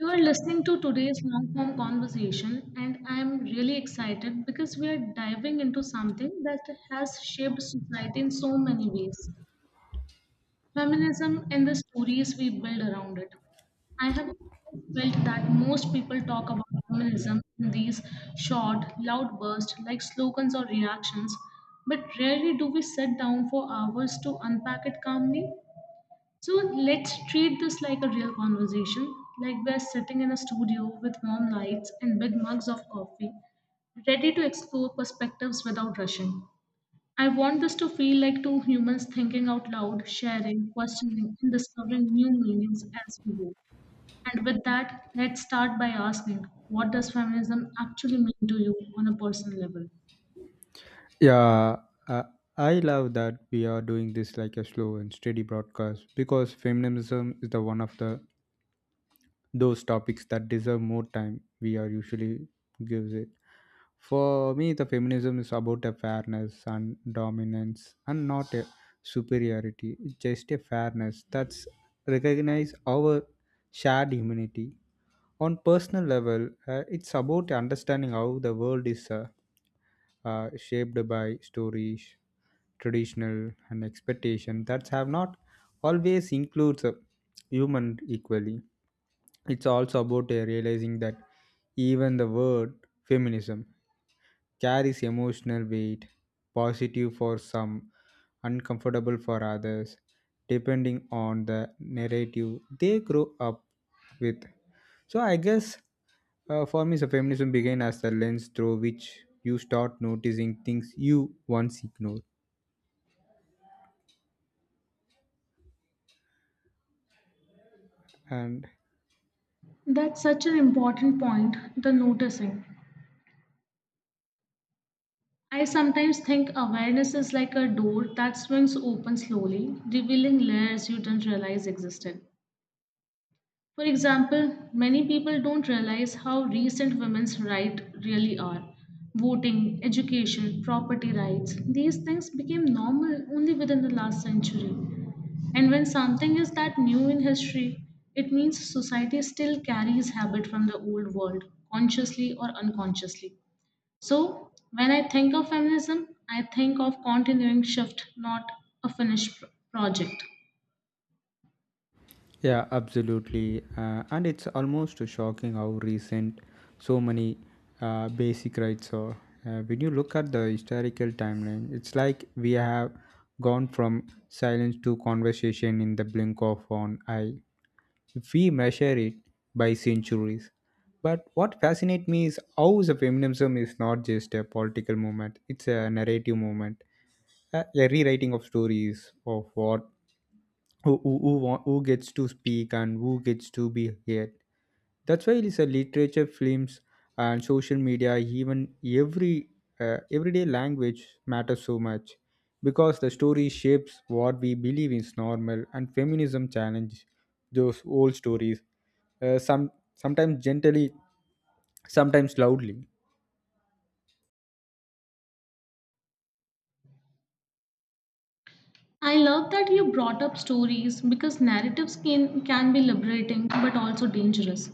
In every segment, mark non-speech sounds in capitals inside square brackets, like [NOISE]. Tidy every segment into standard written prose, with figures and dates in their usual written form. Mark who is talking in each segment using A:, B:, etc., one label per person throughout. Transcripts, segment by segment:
A: You are listening to today's long form conversation, and I am really excited because we are diving into something that has shaped society in so many ways, feminism and the stories we build around it. I have always felt that most people talk about feminism in these short, loud bursts like slogans or reactions, but rarely do we sit down for hours to unpack it calmly. So let's treat this like a real conversation, like we're sitting in a studio with warm lights and big mugs of coffee, ready to explore perspectives without rushing. I want this to feel like two humans thinking out loud, sharing, questioning, and discovering new meanings as we go. And with that, let's start by asking, what does feminism actually mean to you on a personal level?
B: Yeah, I, I love that we are doing this like a slow and steady broadcast because feminism is the one of the those topics that deserve more time we are usually gives it. For me, the feminism is about a fairness and dominance and not a superiority, just a fairness that's recognize our shared humanity on personal level, it's about understanding how the world is shaped by stories traditional and expectation that have not always includes a human equally. It's also about realizing that even the word feminism carries emotional weight, positive for some, uncomfortable for others, depending on the narrative they grow up with. So I guess, for me, so feminism began as the lens through which you start noticing things you once ignored. And
A: That's such an important point, the noticing. I sometimes think awareness is like a door that swings open slowly, revealing layers you didn't realize existed. For example, many people don't realize how recent women's rights really are. Voting, education, property rights, these things became normal only within the last century. And when something is that new in history, it means society still carries habit from the old world, consciously or unconsciously. So, when I think of feminism, I think of continuing shift, not a finished project.
B: yeah, absolutely. And it's almost shocking how recent so many basic rights are. When you look at the historical timeline, it's like we have gone from silence to conversation in the blink of an eye. We measure it by centuries. But what fascinates me is how the feminism is not just a political movement, it's a narrative movement, a rewriting of stories of what who gets to speak and who gets to be heard. That's why it's a literature, films, and social media, even every everyday language matters so much because the story shapes what we believe is normal, and feminism challenge those old stories. Sometimes gently, sometimes loudly.
A: I love that you brought up stories because narratives can be liberating but also dangerous.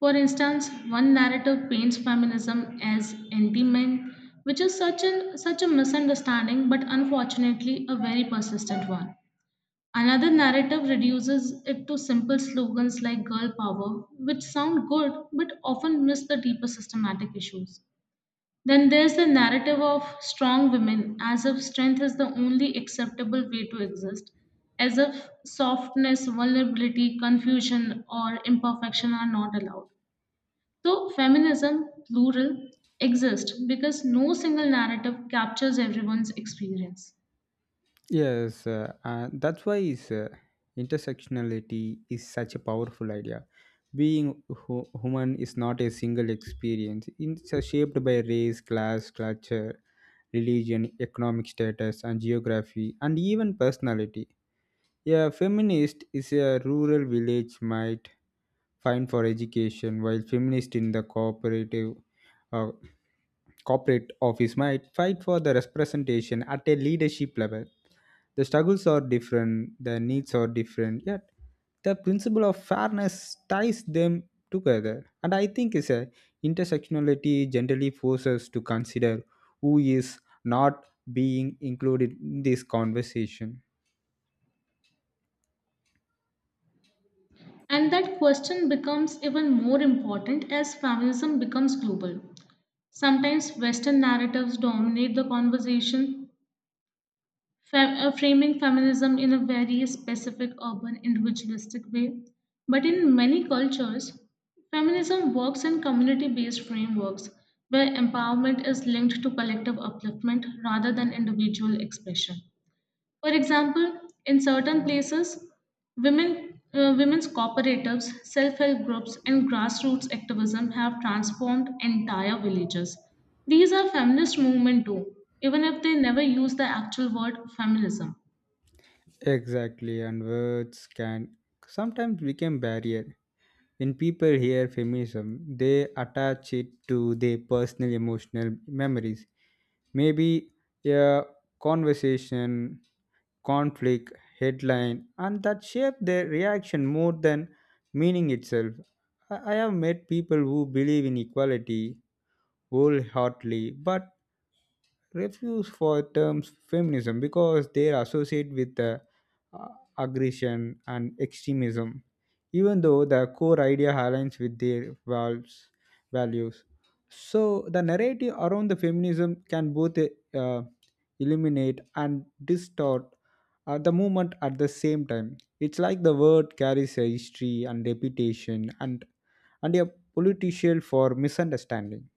A: For instance, one narrative paints feminism as anti-men, which is such a misunderstanding but unfortunately a very persistent one. Another narrative reduces it to simple slogans like girl power, which sound good but often miss the deeper systematic issues. Then there's the narrative of strong women, as if strength is the only acceptable way to exist, as if softness, vulnerability, confusion, or imperfection are not allowed. So, feminism, plural, exists because no single narrative captures everyone's experience.
B: Yes, that's why is intersectionality is such a powerful idea. Being human is not a single experience. It's shaped by race, class, culture, religion, economic status, and geography, and even personality. A feminist is a rural village might find for education, while feminist in the cooperative uh, corporate office might fight for the representation at a leadership level. The struggles are different, the needs are different, yet the principle of fairness ties them together. And I think is a intersectionality generally forces us to consider who is not being included in this conversation.
A: And that question becomes even more important as feminism becomes global. Sometimes Western narratives dominate the conversation, framing feminism in a very specific urban individualistic way. But in many cultures, feminism works in community based frameworks where empowerment is linked to collective upliftment rather than individual expression. For example, in certain places, women's cooperatives, self-help groups, and grassroots activism have transformed entire villages. These are feminist movement too, even if they never use the actual word feminism.
B: Exactly, and words can sometimes become barrier. When people hear feminism, they attach it to their personal emotional memories. Maybe a conversation, conflict, headline, and that shape their reaction more than meaning itself. I have met people who believe in equality wholeheartedly, but refuse for terms feminism because they are associated with uh, aggression and extremism, even though the core idea aligns with their values. So the narrative around the feminism can both illuminate and distort the movement at the same time. It's like the word carries a history and reputation and a potential for misunderstanding.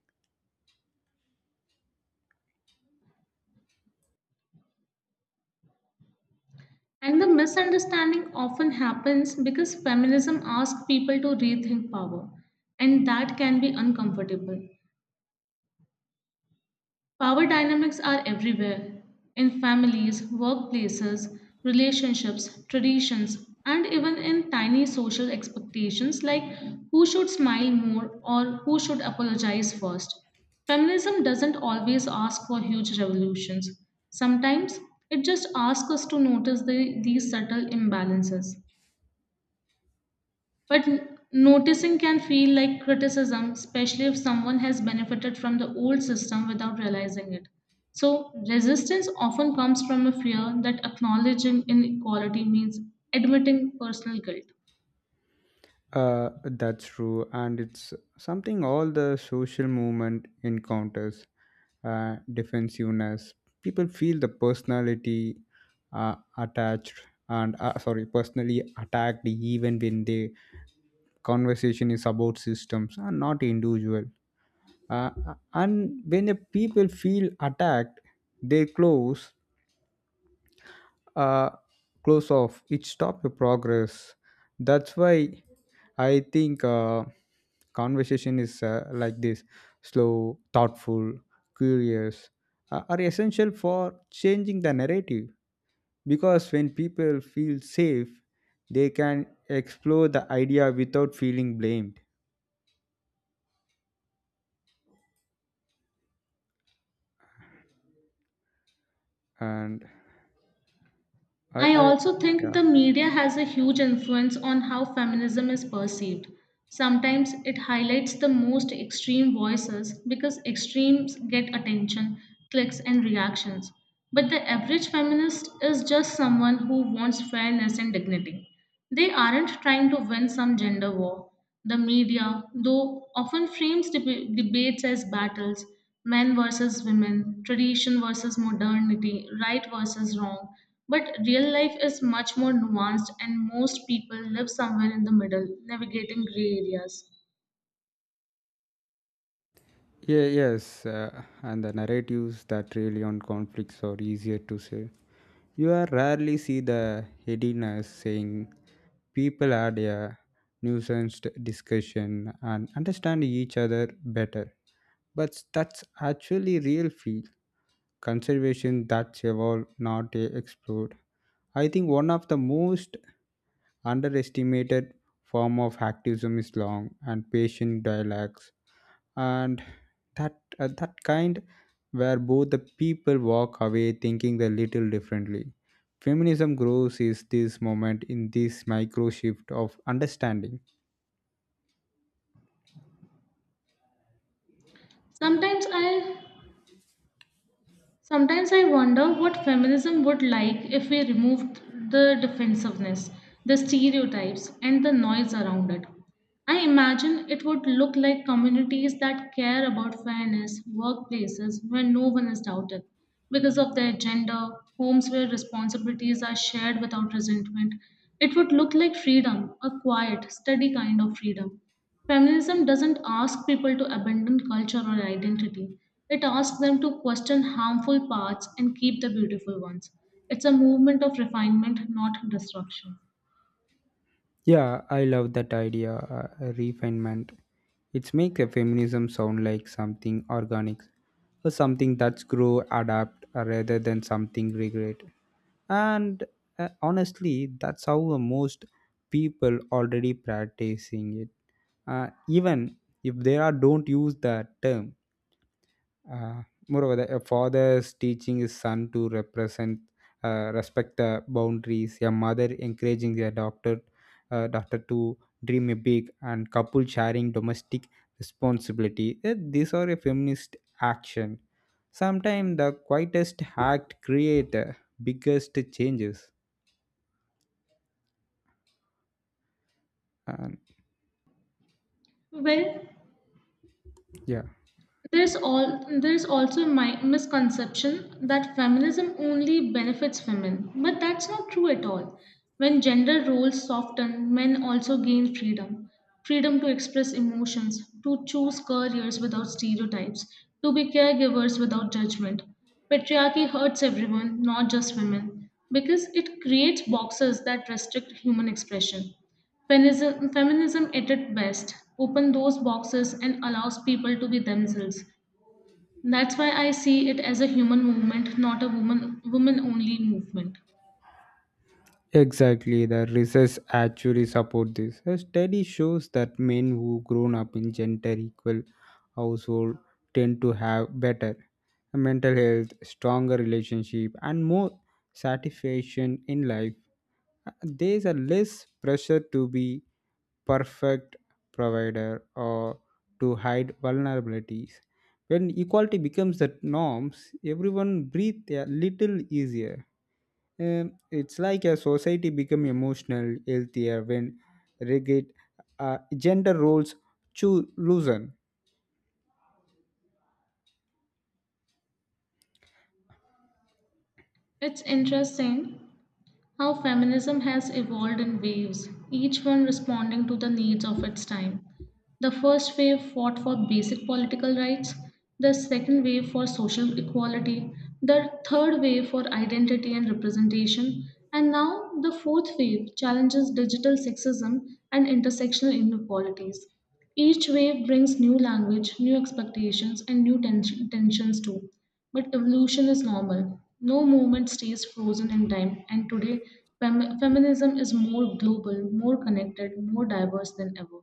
A: And the misunderstanding often happens because feminism asks people to rethink power, and that can be uncomfortable. Power dynamics are everywhere in families, workplaces, relationships, traditions, and even in tiny social expectations like who should smile more or who should apologize first. Feminism doesn't always ask for huge revolutions. Sometimes it just asks us to notice these subtle imbalances. But noticing can feel like criticism, especially if someone has benefited from the old system without realizing it. So, resistance often comes from a fear that acknowledging inequality means admitting personal guilt.
B: That's true, and it's something all the social movement encounters, defensiveness. People feel the personality attached and, sorry, personally attacked even when the conversation is about systems and not individual. Uh, and when the people feel attacked, they uh, close off it stops your progress. That's why I think, conversation is, like this slow thoughtful curious, are essential for changing the narrative because when people feel safe they can explore the idea without feeling blamed. And
A: I
B: I
A: also think
B: yeah.
A: the media has a huge influence on how feminism is perceived. Sometimes it highlights the most extreme voices because extremes get attention, clicks, and reactions. But the average feminist is just someone who wants fairness and dignity. They aren't trying to win some gender war. The media, though, often frames debates as battles, men versus women, tradition versus modernity, right versus wrong. But real life is much more nuanced, and most people live somewhere in the middle, navigating gray areas.
B: Yeah, yes, and the narratives that really on conflicts are easier to say. You are rarely see the headiness saying people had a nuanced discussion and understand each other better. But that's actually real feel conservation that's evolved, not explored. I think one of the most underestimated form of activism is long and patient dialogues and that kind where both the people walk away thinking a little differently. Feminism grows is this moment in this micro shift of understanding.
A: Sometimes I sometimes I wonder what feminism would like if we removed the defensiveness, the stereotypes and the noise around it. I imagine it would look like communities that care about fairness, workplaces where no one is doubted because of their gender, homes where responsibilities are shared without resentment. It would look like freedom, a quiet, steady kind of freedom. Feminism doesn't ask people to abandon culture or identity, it asks them to question harmful paths and keep the beautiful ones. It's a movement of refinement, not destruction.
B: Yeah, I love that idea, refinement. It makes a feminism sound like something organic, or something that's grow, adapt, rather than something regret. And, honestly, that's how most people already practicing it. Even if they are don't use that term, moreover, the a father's teaching his son to respect the boundaries. A mother encouraging their doctor to dream a big, and couple sharing domestic responsibility. These are a feminist action. Sometimes the quietest act create the biggest changes. And
A: Well,
B: yeah.
A: there's also my misconception that feminism only benefits women, but that's not true at all. When gender roles soften, men also gain freedom. Freedom to express emotions, to choose careers without stereotypes, to be caregivers without judgment. Patriarchy hurts everyone, not just women, because it creates boxes that restrict human expression. Feminism at its best opens those boxes and allows people to be themselves. That's why I see it as a human movement, not a woman only movement.
B: Exactly, the research actually support this. A study shows that men who grown up in gender equal household tend to have better mental health, stronger relationship, and more satisfaction in life. There's a less pressure to be perfect provider or to hide vulnerabilities. When equality becomes the norms, everyone breathes a little easier. It's like a society become emotional healthier when rigid gender roles loosen.
A: It's interesting how feminism has evolved in waves, each one responding to the needs of its time. The first wave fought for basic political rights, the second wave for social equality, the third wave for identity and representation, and now the fourth wave challenges digital sexism and intersectional inequalities. Each wave brings new language, new expectations, and new tensions too. But evolution is normal. No movement stays frozen in time, and today feminism is more global, more connected, more diverse than ever.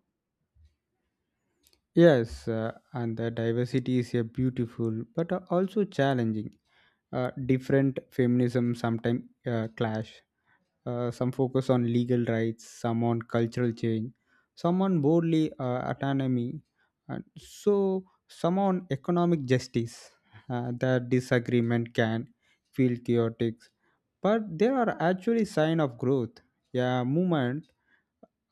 B: Yes, and the diversity is a beautiful but also challenging. Different feminism sometimes clash, some focus on legal rights, some on cultural change, some on bodily autonomy, and so some on economic justice. The disagreement can feel chaotic, but there are actually signs of growth. A movement,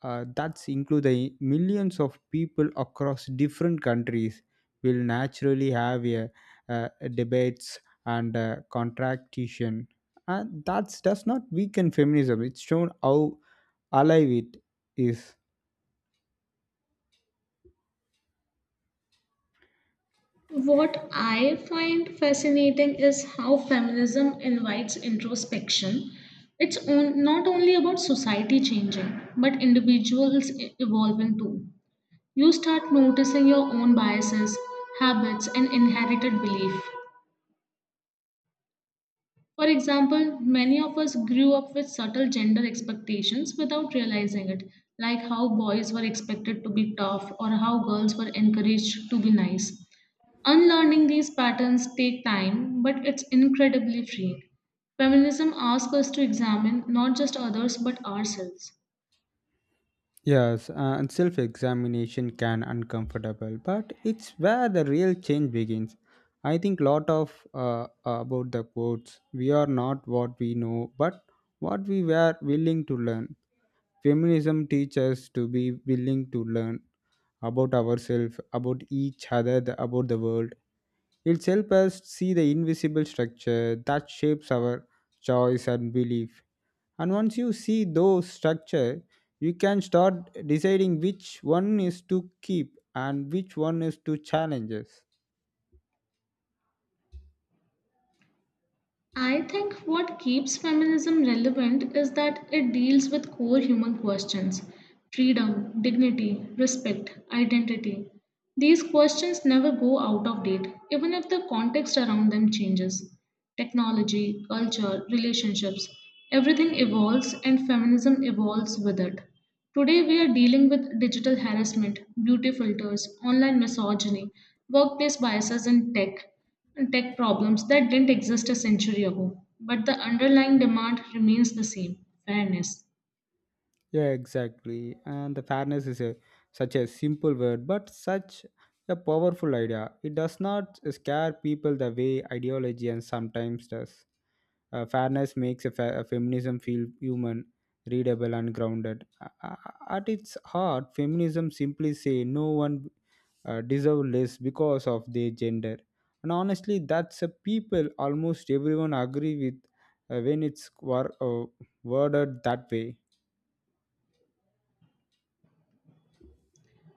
B: that's include the millions of people across different countries will naturally have uh, debates and contractation, and that does not weaken feminism, it's shown how alive it is.
A: What I find fascinating is how feminism invites introspection. Not only about society changing, but individuals evolving too. You start noticing your own biases, habits, and inherited belief. For example, many of us grew up with subtle gender expectations without realizing it, like how boys were expected to be tough or how girls were encouraged to be nice. Unlearning these patterns take time, but it's incredibly freeing. Feminism asks us to examine not just others but ourselves.
B: Yes, and self-examination can uncomfortable but it's where the real change begins. I think lot of about the quotes we are not what we know but what we were willing to learn. Feminism teaches us to be willing to learn about ourselves, about each other, about the world. It helps us see the invisible structure that shapes our choice and belief. And once you see those structure, you can start deciding which one is to keep and which one is to challenge us.
A: I think what keeps feminism relevant is that it deals with core human questions, freedom, dignity, respect, identity. These questions never go out of date, even if the context around them changes. Technology, culture, relationships, everything evolves and feminism evolves with it. Today, we are dealing with digital harassment, beauty filters, online misogyny, workplace biases in tech problems that didn't exist a century ago, but the underlying demand remains the same, fairness.
B: Yeah, exactly. And the fairness is such a simple word, but such a powerful idea. It does not scare people the way ideology and sometimes does. Fairness makes a feminism feel human, readable, and grounded. At its heart, feminism simply say no one deserve less because of their gender, and honestly, that's a people almost everyone agree with, when it's worded that way.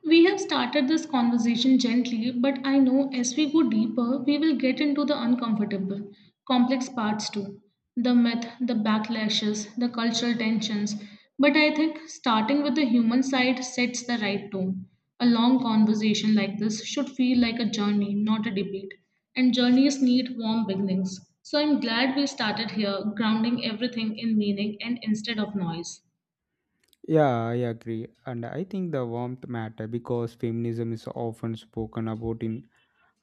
A: We have started this conversation gently, but I know as we go deeper, we will get into the uncomfortable, complex parts too, the myth, the backlashes, the cultural tensions. But I think starting with the human side sets the right tone. A long conversation like this should feel like a journey, not a debate. And journeys need warm beginnings. So I'm glad we started here, grounding everything in meaning and instead of noise.
B: Yeah, I agree, and I think the warmth matter because feminism is often spoken about in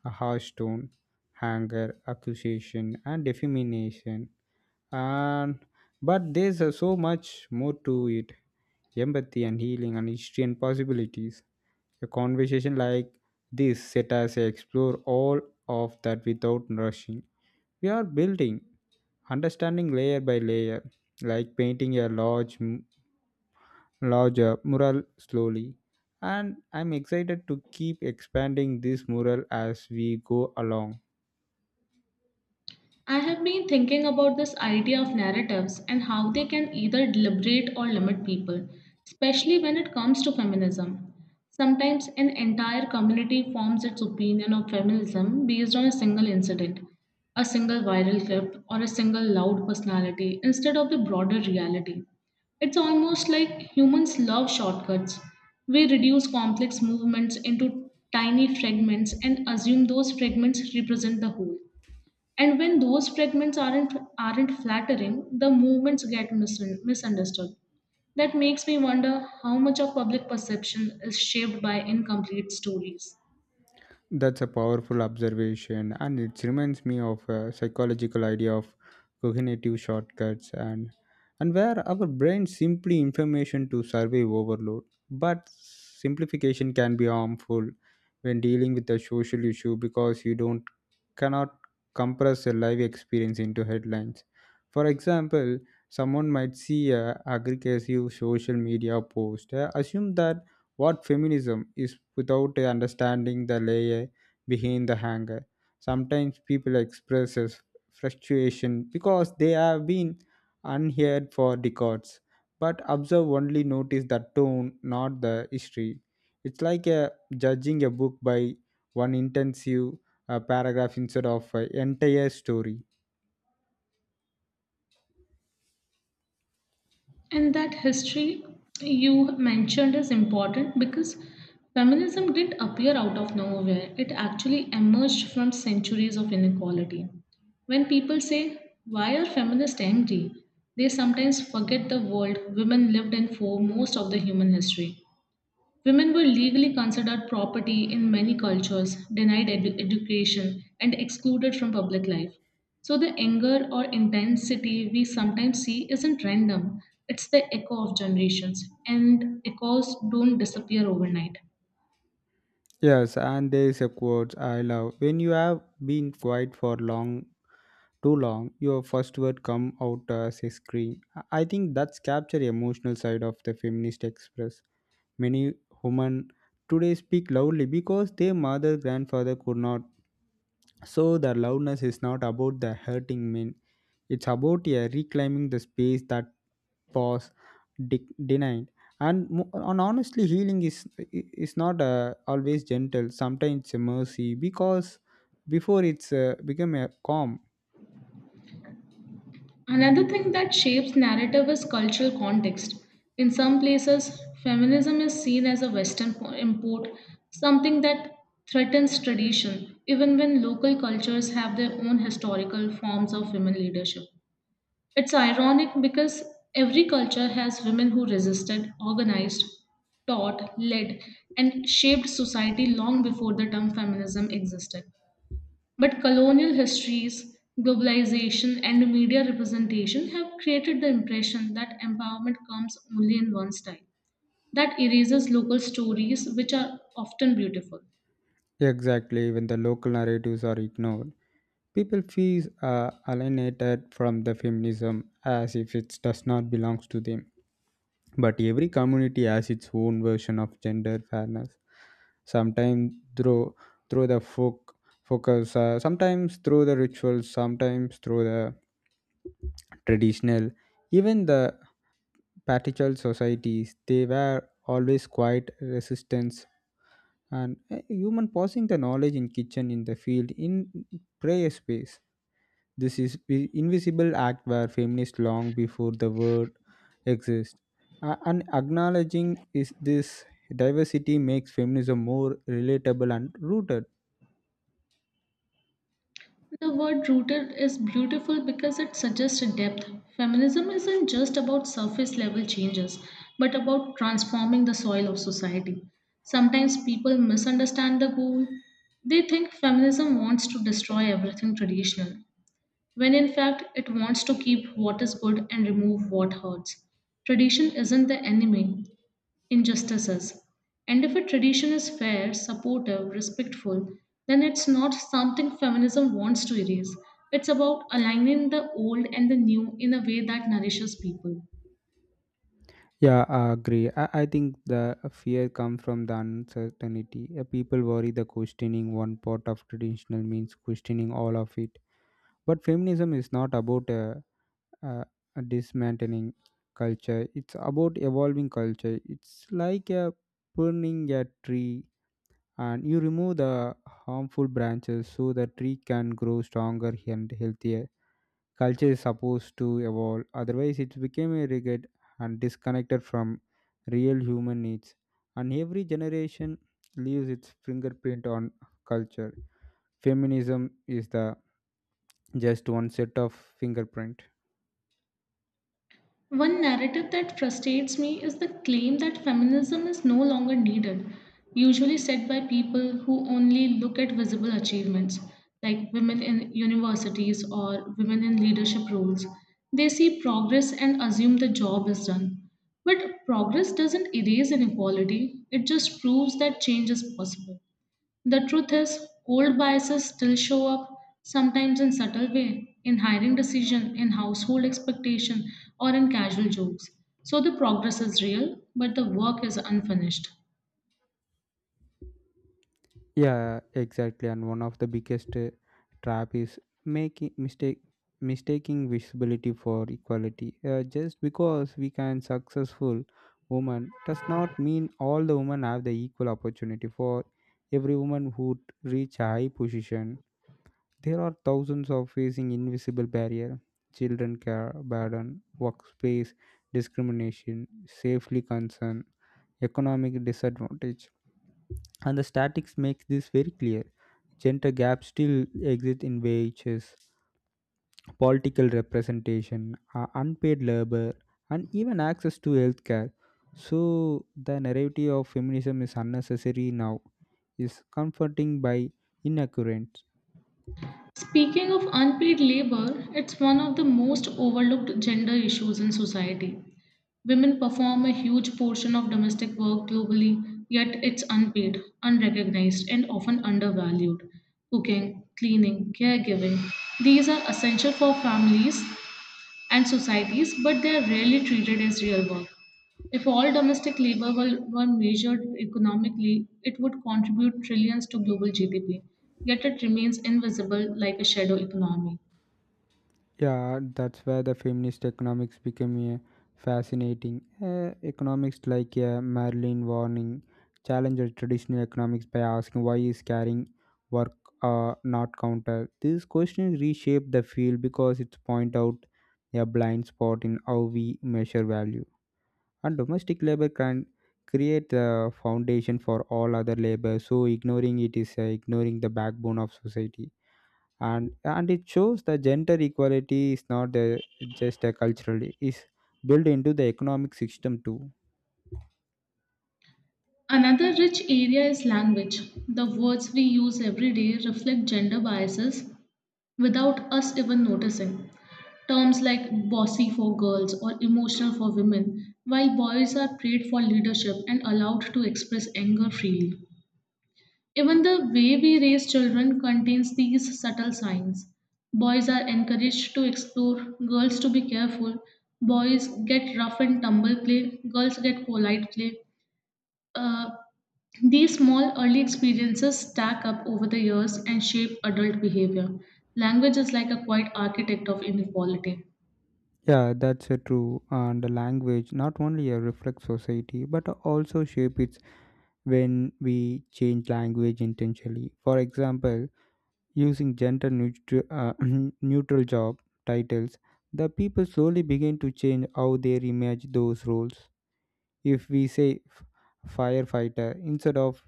B: a harsh tone, anger, accusation, and defamation, and but there's so much more to it, empathy and healing and history and possibilities. A conversation like this set us to explore all of that without rushing. We are building understanding layer by layer, like painting a larger mural slowly. And I'm excited to keep expanding this mural as we go along.
A: I have been thinking about this idea of narratives and how they can either liberate or limit people, especially when it comes to feminism. Sometimes an entire community forms its opinion of feminism based on a single incident, a single viral clip, or a single loud personality instead of the broader reality. It's almost like humans love shortcuts. We reduce complex movements into tiny fragments and assume those fragments represent the whole, and when those fragments aren't flattering, the movements get misunderstood. That makes me wonder how much of public perception is shaped by incomplete stories.
B: That's a powerful observation, and it reminds me of a psychological idea of cognitive shortcuts, and where our brain simply information to survive overload. But simplification can be harmful when dealing with a social issue because you don't cannot compress a live experience into headlines. For example, someone might see a aggressive social media post, assume that what feminism is without understanding the layer behind the hanger. Sometimes people express as frustration because they have been unheard for decades, but observe only notice the tone, not the history. It's like judging a book by one intensive paragraph instead of an entire story.
A: And that history you mentioned is important because feminism didn't appear out of nowhere, it actually emerged from centuries of inequality. When people say, why are feminists angry, they sometimes forget the world women lived in for most of the human history. Women were legally considered property in many cultures, denied education, and excluded from public life. So, the anger or intensity we sometimes see isn't random, it's the echo of generations, and echoes don't disappear overnight.
B: Yes, and there is a quote I love. When you have been quiet for long too long your first word come out as a scream. I think that's capture emotional side of the feminist express. Many women today speak loudly because their mother grandfather could not, so the loudness is not about the hurting men, it's about, yeah, reclaiming the space that was denied. And honestly healing is not always gentle, sometimes it's a mercy because before it's become a calm.
A: Another thing that shapes narrative is cultural context. In some places, feminism is seen as a Western import, something that threatens tradition, even when local cultures have their own historical forms of women leadership. It's ironic because every culture has women who resisted, organized, taught, led, and shaped society long before the term feminism existed. But colonial histories, globalization, and media representation have created the impression that empowerment comes only in one style. That erases local stories, which are often beautiful.
B: Exactly, when the local narratives are ignored, people feel alienated from the feminism as if it does not belong to them. But every community has its own version of gender fairness. Sometimes through the folk focus, sometimes through the rituals, sometimes through the traditional, even the patriarchal societies. They were always quite resistant and a human passing the knowledge in kitchen in the field in prayer space, this is the invisible act where feminists long before the word exists. And acknowledging is this diversity makes feminism more relatable and rooted.
A: The word rooted is beautiful because it suggests a depth. Feminism isn't just about surface level changes, but about transforming the soil of society. Sometimes people misunderstand the goal. They think feminism wants to destroy everything traditional, when in fact it wants to keep what is good and remove what hurts. Tradition isn't the enemy, injustice is. And if a tradition is fair, supportive, respectful, then it's not something feminism wants to erase. It's about aligning the old and the new in a way that nourishes people.
B: Yeah, I agree. I think the fear comes from the uncertainty. People worry the questioning one part of traditional means questioning all of it. But feminism is not about uh, dismantling culture. It's about evolving culture. It's like a pruning a tree, and you remove the harmful branches so the tree can grow stronger and healthier. Culture is supposed to evolve, otherwise, it became a rigid and disconnected from real human needs. And every generation leaves its fingerprint on culture. Feminism is the just one set of fingerprint.
A: One narrative that frustrates me is the claim that feminism is no longer needed, usually said by people who only look at visible achievements, like women in universities or women in leadership roles. They see progress and assume the job is done. But progress doesn't erase inequality, it just proves that change is possible. The truth is, old biases still show up, sometimes in subtle way, in hiring decision, in household expectation, or in casual jokes. So the progress is real, but the work is unfinished.
B: Yeah, exactly. And one of the biggest trap is making mistake mistaking visibility for equality. Just because we can successful woman does not mean all the women have the equal opportunity. For every woman who reach a high position, there are thousands of facing invisible barrier, children care burden, workspace discrimination, safely concern, economic disadvantage, and the statics makes this very clear. Gender gaps still exist in wages, political representation, unpaid labor, and even access to healthcare. So the narrative of feminism is unnecessary now is comforting by inaccurate.
A: Speaking of unpaid labor, it's one of the most overlooked gender issues in society. Women perform a huge portion of domestic work globally, yet it's unpaid, unrecognized, and often undervalued. Cooking, cleaning, caregiving, these are essential for families and societies, but they are rarely treated as real work. If all domestic labor were measured economically, it would contribute trillions to global GDP, yet it remains invisible like a shadow economy.
B: Yeah, that's where the feminist economics became a fascinating. Economics like, Marilyn Warning challenged traditional economics by asking why is carrying work not counted. These questions reshape the field because it point out a blind spot in how we measure value. And domestic labor can create the foundation for all other labor, so ignoring it is ignoring the backbone of society. And it shows that gender equality is not just a cultural is built into the economic system too.
A: Another rich area is language. The words we use every day reflect gender biases without us even noticing. Terms like bossy for girls or emotional for women, while boys are praised for leadership and allowed to express anger freely. Even the way we raise children contains these subtle signs. Boys are encouraged to explore, girls to be careful. Boys get rough and tumble play, girls get polite play. Uh, these small early experiences stack up over the years and shape adult behavior. Language is like a quiet architect of inequality.
B: Yeah, that's true, and the language not only a reflect society but also shape its when we change language intentionally, for example, using gender neutral, [CLEARS THROAT] neutral job titles, the people slowly begin to change how they image those roles. If we say firefighter instead of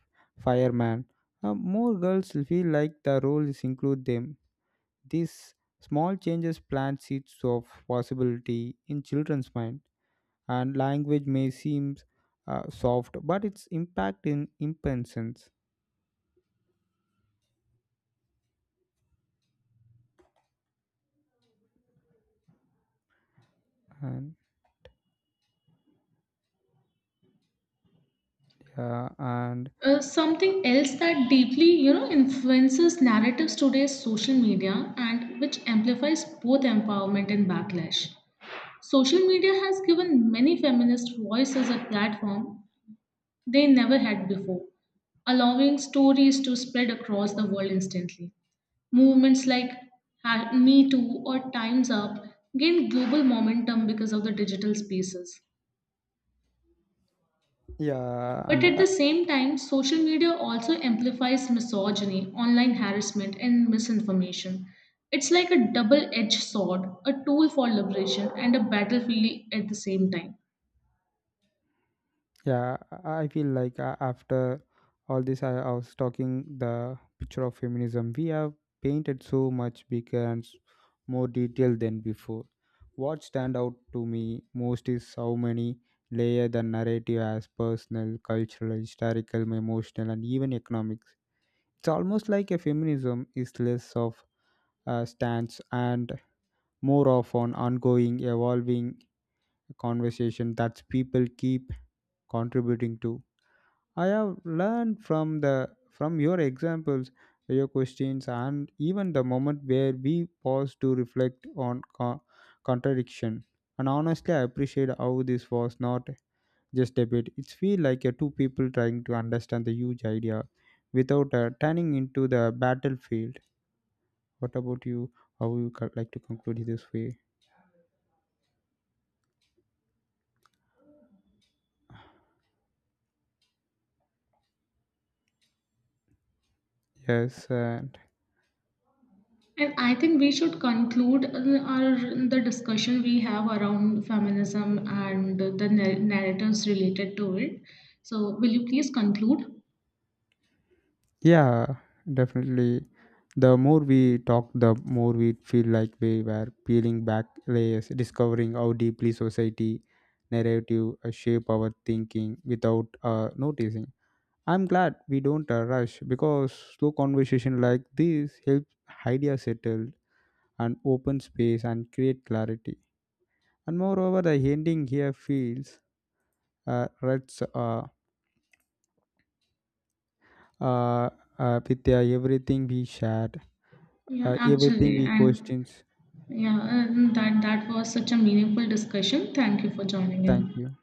B: fireman, more girls feel like the roles include them. These small changes plant seeds of possibility in children's mind. And language may seem soft but its impact in impensions. And yeah. And
A: Something else that deeply, influences narratives today is social media, and which amplifies both empowerment and backlash. Social media has given many feminist voices a platform they never had before, allowing stories to spread across the world instantly. Movements like Me Too or Time's Up gained global momentum because of the digital spaces.
B: yeah.
A: But
B: And
A: at the same time, social media also amplifies misogyny, online harassment, and misinformation. It's like a double edged sword, a tool for liberation and a battlefield at the same time.
B: yeah, I feel like, after all this, I was talking the picture of feminism. We have painted so much bigger and more detailed than before. What stand out to me most is how many layer the narrative has, personal, cultural, historical, emotional, and even economics. It's almost like a feminism is less of a stance and more of an ongoing, evolving conversation that people keep contributing to. I have learned from your examples, your questions, and even the moment where we pause to reflect on contradiction. And honestly, I appreciate how this was not just debate. It's feel like a two people trying to understand the huge idea without turning into the battlefield. What about you? How would you like to conclude this way? Yes, and
A: And I think we should conclude our the discussion we have around feminism and the narratives related to it. So, will you please conclude?
B: Yeah, definitely. The more we talk, the more we feel like we were peeling back layers, discovering how deeply society narrative shape our thinking without noticing. I'm glad we don't rush because slow conversation like this helps ideas settle and open space and create clarity. And moreover, the ending here feels rest uh, with everything we shared,
A: Yeah,
B: everything
A: actually,
B: we
A: and
B: questioned.
A: yeah, and that was such a meaningful discussion. Thank you for joining
B: Thank
A: in.
B: you.